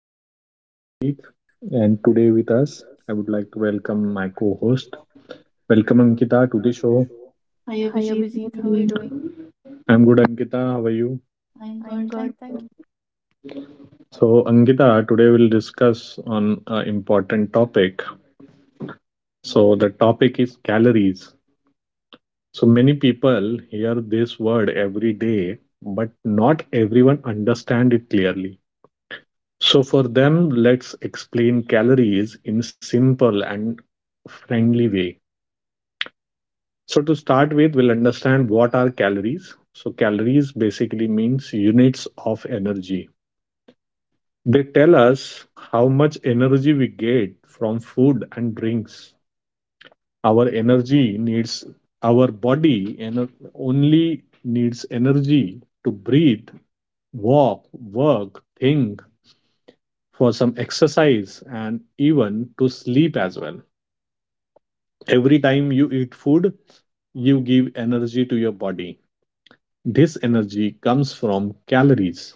is your host Abhijit, and today with us, I would like to welcome my co-host. Welcome Ankita to the show. Hi Abhijit, how are you doing? I'm good, Ankita. How are you? I'm good, thank you. So Ankita, today we'll discuss on an important topic. So the topic is calories. So many people hear this word every day, but not everyone understand it clearly. So for them, let's explain calories in simple and friendly way. So to start with, we'll understand what are calories. So calories basically means units of energy. They tell us how much energy we get from food and drinks. Our energy needs, our body only needs energy to breathe, walk, work, think, for some exercise and even to sleep as well. Every time you eat food, you give energy to your body. This energy comes from calories.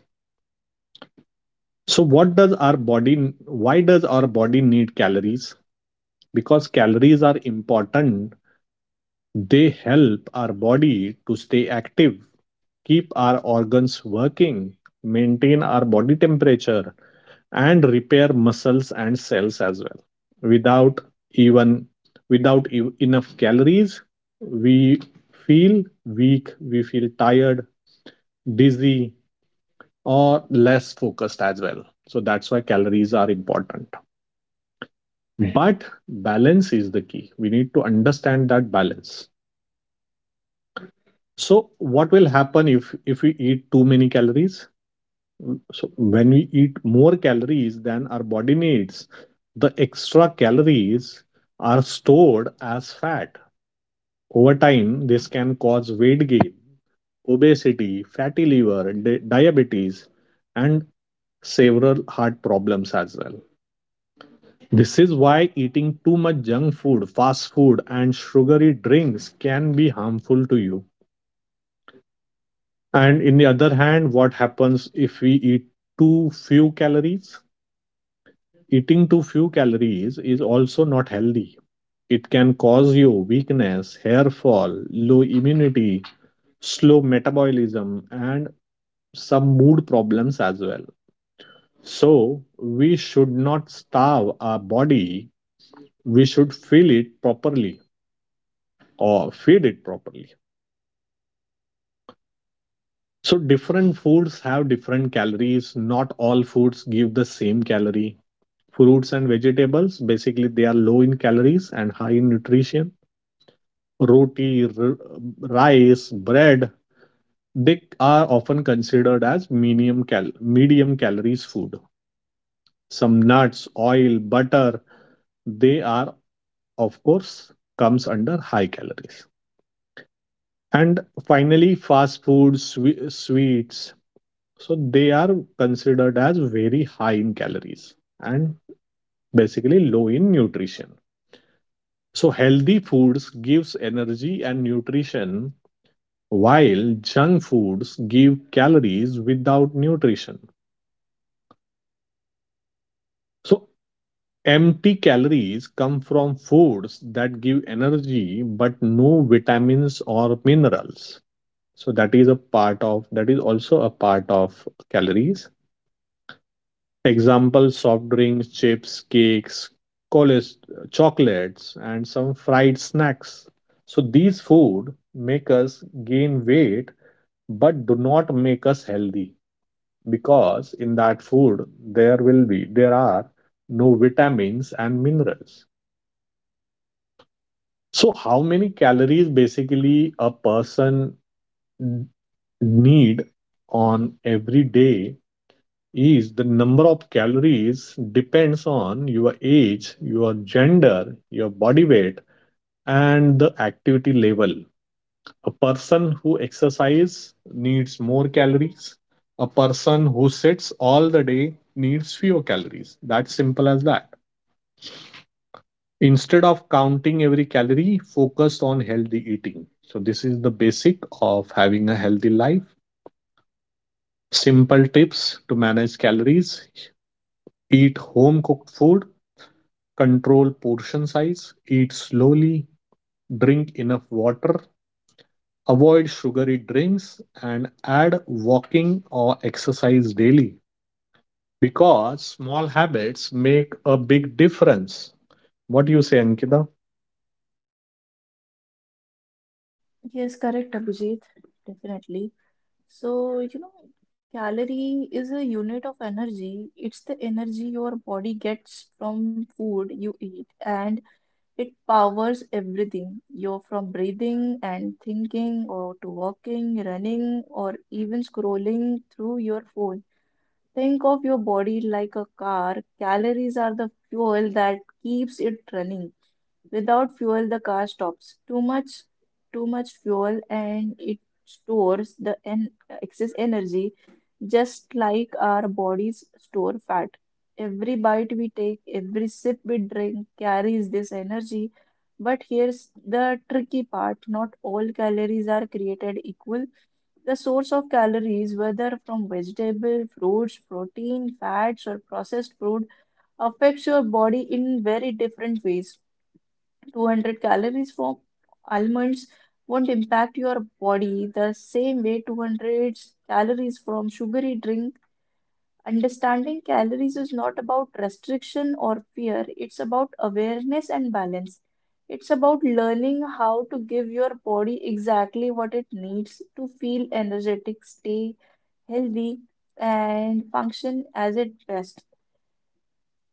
So what does our body why does our body need calories? Because calories are important. They help our body to stay active, keep our organs working, maintain our body temperature, and repair muscles and cells as well. Without even, without enough calories, we feel weak, we feel tired, dizzy, or less focused as well. So that's why calories are important. Mm-hmm. But balance is the key. We need to understand that balance. So what will happen if we eat too many calories? So when we eat more calories than our body needs, the extra calories are stored as fat. Over time, this can cause weight gain, obesity, fatty liver, diabetes, and several heart problems as well. This is why eating too much junk food, fast food, and sugary drinks can be harmful to you. And in the other hand, what happens if we eat too few calories? Eating too few calories is also not healthy. It can cause you weakness, hair fall, low immunity, slow metabolism, and some mood problems as well. So, we should not starve our body, we should fill it properly or feed it properly. So different foods have different calories. Not all foods give the same calorie. Fruits and vegetables, basically, they are low in calories and high in nutrition. Roti, rice, bread, they are often considered as medium calories food. Some nuts, oil, butter, they are, of course, comes under high calories. And finally, fast food, sweets, so they are considered as very high in calories and basically low in nutrition. So healthy foods gives energy and nutrition while junk foods give calories without nutrition. So empty calories come from foods that give energy but no vitamins or minerals. So that is also a part of calories. Example, soft drinks, chips, cakes, colas- chocolates, and some fried snacks. So these food make us gain weight but do not make us healthy because in that food there will be there are no vitamins and minerals. So how many calories basically a person need on every day, is the number of calories depends on your age, your gender, your body weight, and the activity level. A person who exercises needs more calories. A person who sits all the day needs fewer calories. That's simple as that. Instead of counting every calorie, focus on healthy eating. So, this is the basic of having a healthy life. Simple tips to manage calories: eat home cooked food, control portion size, eat slowly, drink enough water, avoid sugary drinks, and add walking or exercise daily, because small habits make a big difference. What do you say, Ankita? Yes, correct, Abhijit, definitely. So, you know, Calorie is a unit of energy. It's the energy your body gets from food you eat, and it powers everything. You're from breathing and thinking, or to walking, running, or even scrolling through your phone. Think of your body like a car. Calories are the fuel that keeps it running. Without fuel, the car stops. Too much fuel, and it stores the en- excess energy, just like our bodies store fat. Every bite we take, every sip we drink carries this energy. But here's the tricky part: not all calories are created equal. The source of calories, whether from vegetable, fruits, protein, fats, or processed food, affects your body in very different ways. 200 calories from almonds won't impact your body the same way 200 calories from sugary drink. Understanding calories is not about restriction or fear. It's about awareness and balance. It's about learning how to give your body exactly what it needs to feel energetic, stay healthy, and function as it best.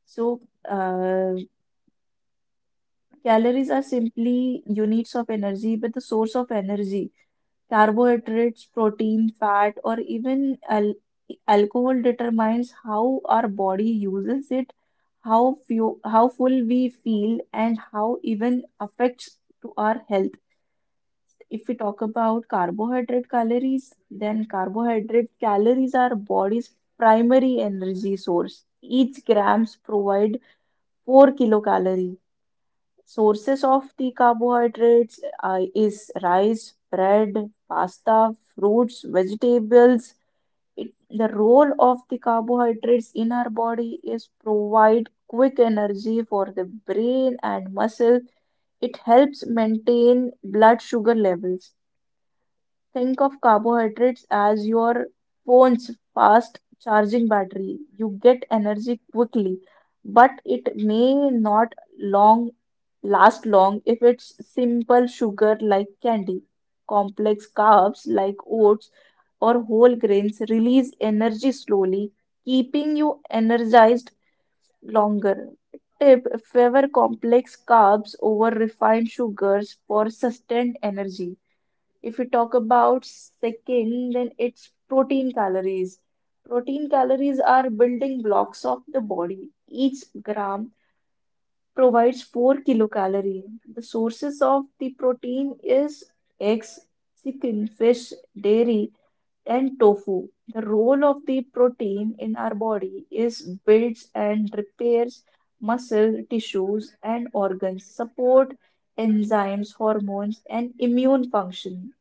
so uh, Calories are simply units of energy, but the source of energy, carbohydrates, protein, fat, or even al alcohol determines how our body uses it, how few, how full we feel, and how even affects to our health. If we talk about carbohydrate calories, then carbohydrate calories are body's primary energy source. Each grams provide 4 kilocalories. Sources of the carbohydrates is rice, bread, pasta, fruits, vegetables. It, the role of the carbohydrates in our body is provide quick energy for the brain and muscle. It helps maintain blood sugar levels. Think of carbohydrates as your phone's fast charging battery. You get energy quickly, but it may not long last long if it's simple sugar like candy. Complex carbs like oats or whole grains release energy slowly, keeping you energized longer. Tip: favor complex carbs over refined sugars for sustained energy. If you talk about second, then it's protein calories. Protein calories are building blocks of the body. Each gram provides 4 kilocalorie. The sources of the protein is eggs, chicken, fish, dairy, and tofu. The role of the protein in our body is builds and repairs muscle tissues and organs, support enzymes, hormones, and immune function.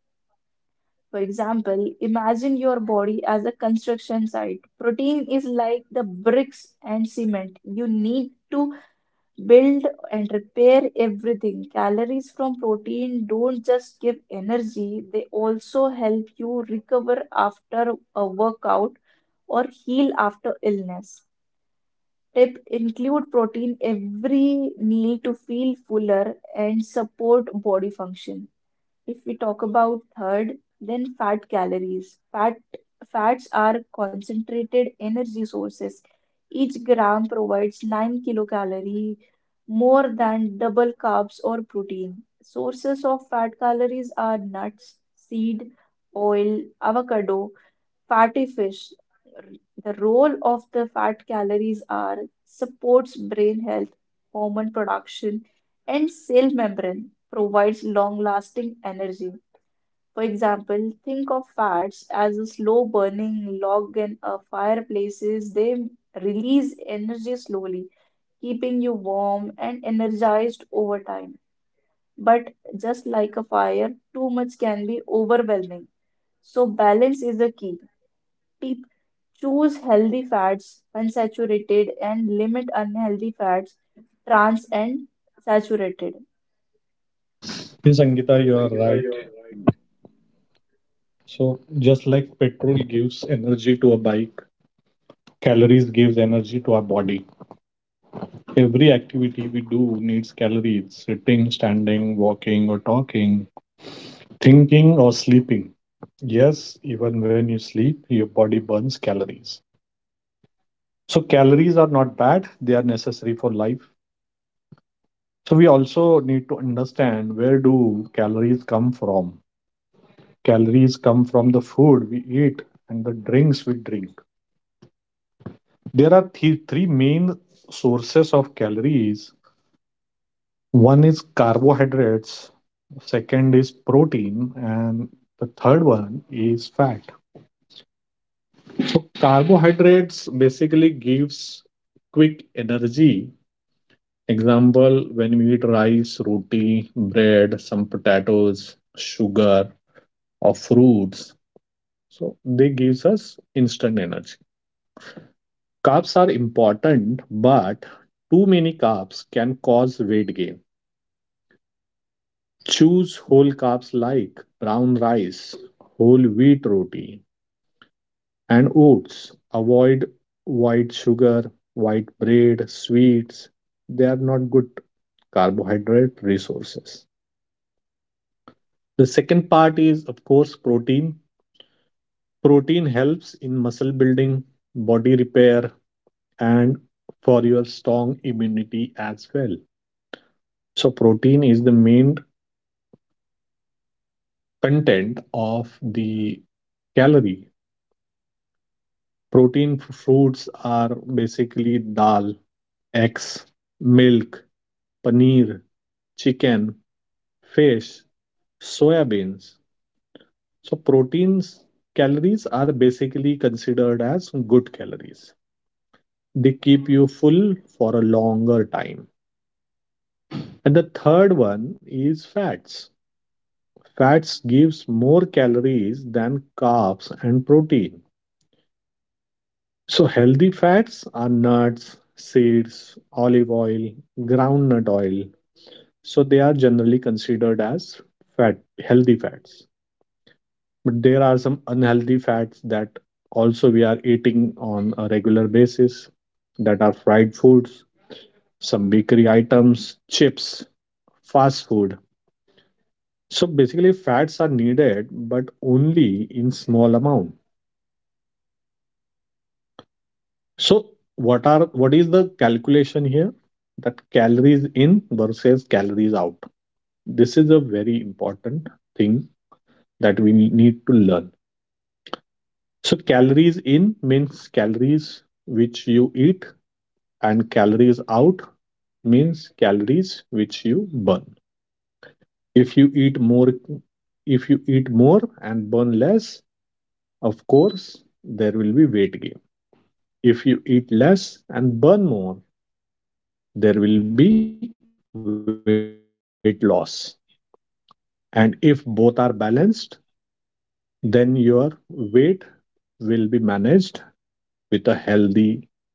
For example, imagine your body as a construction site. Protein is like the bricks and cement. You need to build and repair everything. Calories from protein don't just give energy, they also help you recover after a workout or heal after illness. Tip: include protein every meal to feel fuller and support body function. If we talk about third, then fat calories. Fats are concentrated energy sources. Each gram provides 9 kilocalorie, more than double carbs or protein. Sources of fat calories are nuts, seed, oil, avocado, fatty fish. The role of the fat calories are supports brain health, hormone production, and cell membrane, provides long-lasting energy. For example, think of fats as a slow burning log in a fireplaces. They release energy slowly, keeping you warm and energized over time. But just like a fire, too much can be overwhelming. So balance is the key. Tip: choose healthy fats, unsaturated, and limit unhealthy fats, trans and saturated. Yes, Angita, you are right. So, just like petrol gives energy to a bike, calories gives energy to our body. Every activity we do needs calories. Sitting, standing, walking, or talking, thinking or sleeping. Yes, even when you sleep, your body burns calories. So, calories are not bad, they are necessary for life. So, we also need to understand, where do calories come from? Calories come from the food we eat and the drinks we drink. There are three main sources of calories. One is carbohydrates, second is protein, and the third one is fat. So carbohydrates basically gives quick energy. Example, when we eat rice, roti, bread, some potatoes, sugar, or fruits. So they gives us instant energy. Carbs are important, but too many carbs can cause weight gain. Choose whole carbs like brown rice, whole wheat roti, and oats. Avoid white sugar, white bread, sweets. They are not good carbohydrate resources. The second part is, of course, protein. Protein helps in muscle building, body repair, and for your strong immunity as well. So, protein is the main content of the calorie. Protein foods are basically dal, eggs, milk, paneer, chicken, fish, soya beans. So proteins calories are basically considered as good calories. They keep you full for a longer time. And the third one is fats. Fats gives more calories than carbs and protein. So healthy fats are nuts, seeds, olive oil, groundnut oil. So they are generally considered as fat healthy fats. But there are some unhealthy fats that also we are eating on a regular basis, that are fried foods, some bakery items, chips, fast food. So basically fats are needed, but only in small amount. So what is the calculation here, that calories in versus calories out? This is a very important thing that we need to learn. So calories in means calories which you eat, and calories out means calories which you burn. If you eat more if you eat more and burn less, of course, there will be weight gain. If you eat less and burn more, there will be weight loss. And if both are balanced, then your weight will be managed with a healthy lifestyle.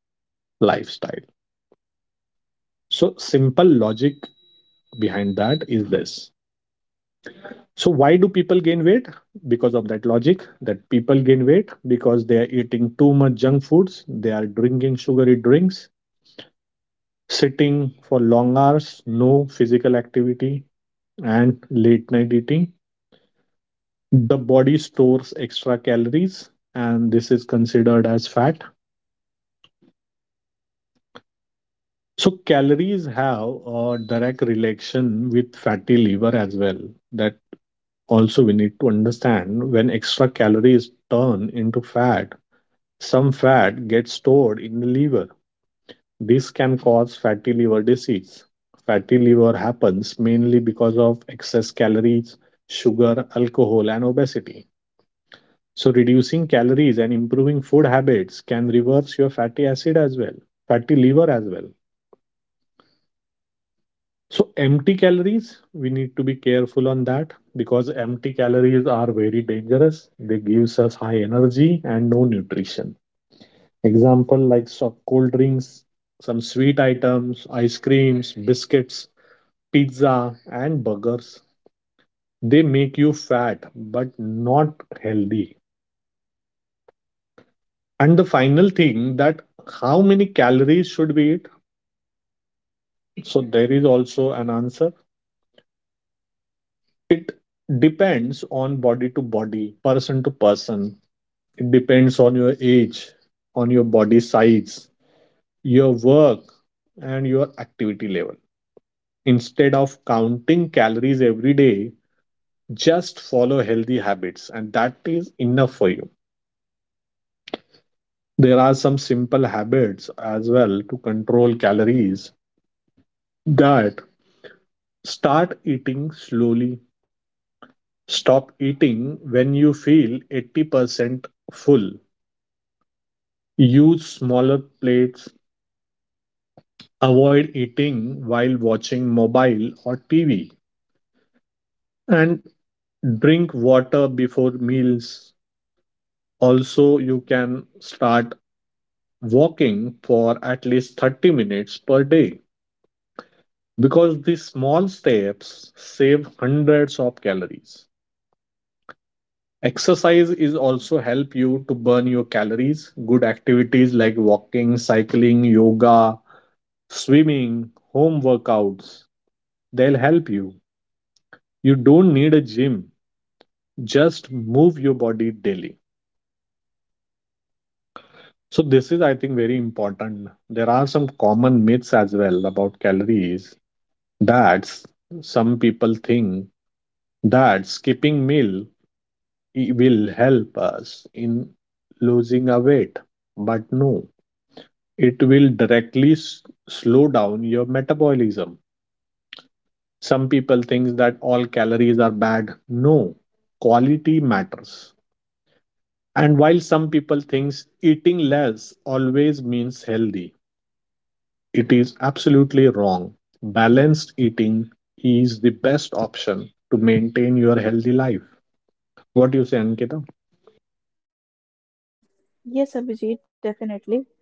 So simple logic behind that is this. So, why do people gain weight? Because of that logic, that people gain weight because they are eating too much junk foods, they are drinking sugary drinks, sitting for long hours, no physical activity, and late night eating. The body stores extra calories, and this is considered as fat. So, calories have a direct relation with fatty liver as well. That also we need to understand, when extra calories turn into fat, some fat gets stored in the liver. This can cause fatty liver disease. Fatty liver happens mainly because of excess calories, sugar, alcohol, and obesity. So, reducing calories and improving food habits can reverse your fatty liver as well. So, empty calories, we need to be careful on that because empty calories are very dangerous. They give us high energy and no nutrition. Example, like cold drinks, some sweet items, ice creams, biscuits, pizza, and burgers. They make you fat but not healthy. And the final thing, that how many calories should we eat? So there is also an answer. It depends on body to body, person to person. It depends on your age, on your body size, your work, and your activity level. Instead of counting calories every day, just follow healthy habits and that is enough for you. There are some simple habits as well to control calories, that start eating slowly, stop eating when you feel 80% full, use smaller plates, avoid eating while watching mobile or TV, and drink water before meals. Also you can start walking for at least 30 minutes per day, because these small steps save hundreds of calories. Exercise is also help you to burn your calories. Good activities like walking, cycling, yoga, swimming, home workouts, they'll help you. You don't need a gym. Just move your body daily. So this is, I think, very important. There are some common myths as well about calories. That's, some people think that skipping meal, it will help us in losing a weight, but no, it will directly slow down your metabolism. Some people think that all calories are bad. No, quality matters. And while some people think eating less always means healthy, it is absolutely wrong. Balanced eating is the best option to maintain your healthy life. What do you say, Ankita? Mm, Yes, Abhijit, definitely.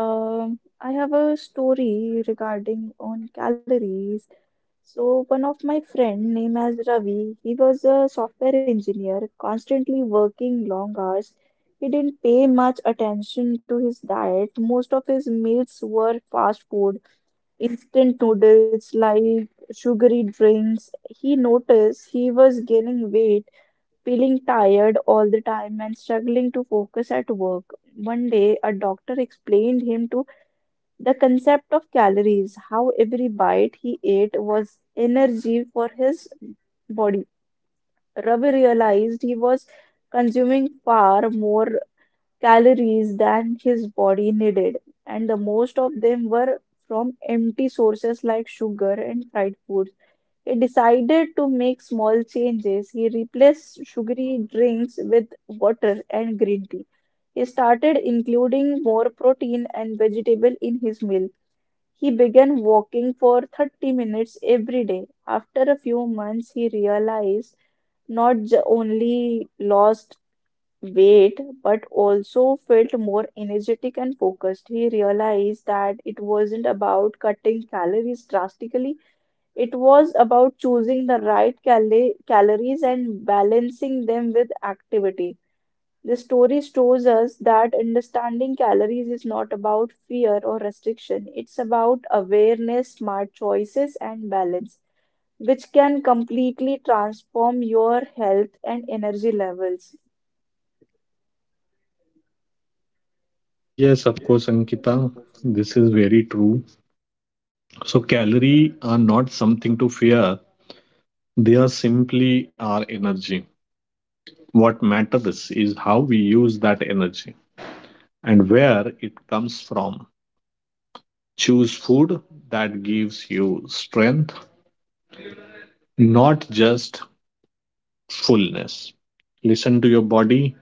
I have a story regarding on calories. So one of my friend named as Ravi, he was a software engineer, constantly working long hours. He didn't pay much attention to his diet. Most of his meals were fast food, instant noodles, like sugary drinks. He noticed he was gaining weight, feeling tired all the time, and struggling to focus at work. One day, a doctor explained him to the concept of calories, how every bite he ate was energy for his body. Ravi realized he was consuming far more calories than his body needed, and the most of them were from empty sources like sugar and fried foods. He decided to make small changes. He replaced sugary drinks with water and green tea. He started including more protein and vegetable in his meal. He began walking for 30 minutes every day. After a few months, he realized not j- only lost weight but also felt more energetic and focused. He realized that it wasn't about cutting calories drastically, it was about choosing the calories and balancing them with activity. The story shows us that understanding calories is not about fear or restriction, it's about awareness, smart choices, and balance, which can completely transform your health and energy levels. Yes, of course, Ankita, this is very true. So calorie are not something to fear. They are simply our energy. What matters is how we use that energy and where it comes from. Choose food that gives you strength, not just fullness. Listen to your body,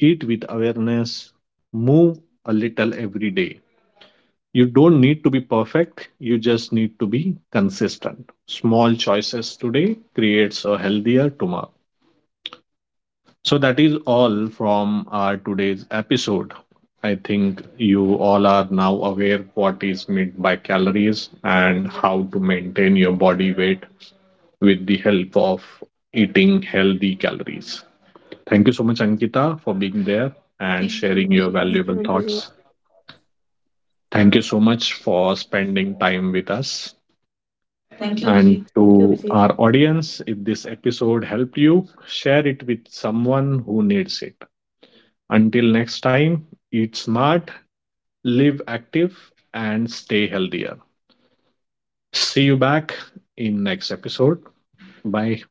eat with awareness, move a little every day. You don't need to be perfect, you just need to be consistent. Small choices today creates a healthier tomorrow. So that is all from our today's episode. I think you all are now aware what is meant by calories and how to maintain your body weight with the help of eating healthy calories. Thank you so much, Ankita, for being there and sharing your Thank you, valuable Abhijit. thoughts. Thank you so much for spending time with us. And Thank you, to Abhijit. our audience, if this episode helped you, share it with someone who needs it. Until next time, eat smart, live active, and stay healthier. See you back in next episode. Bye.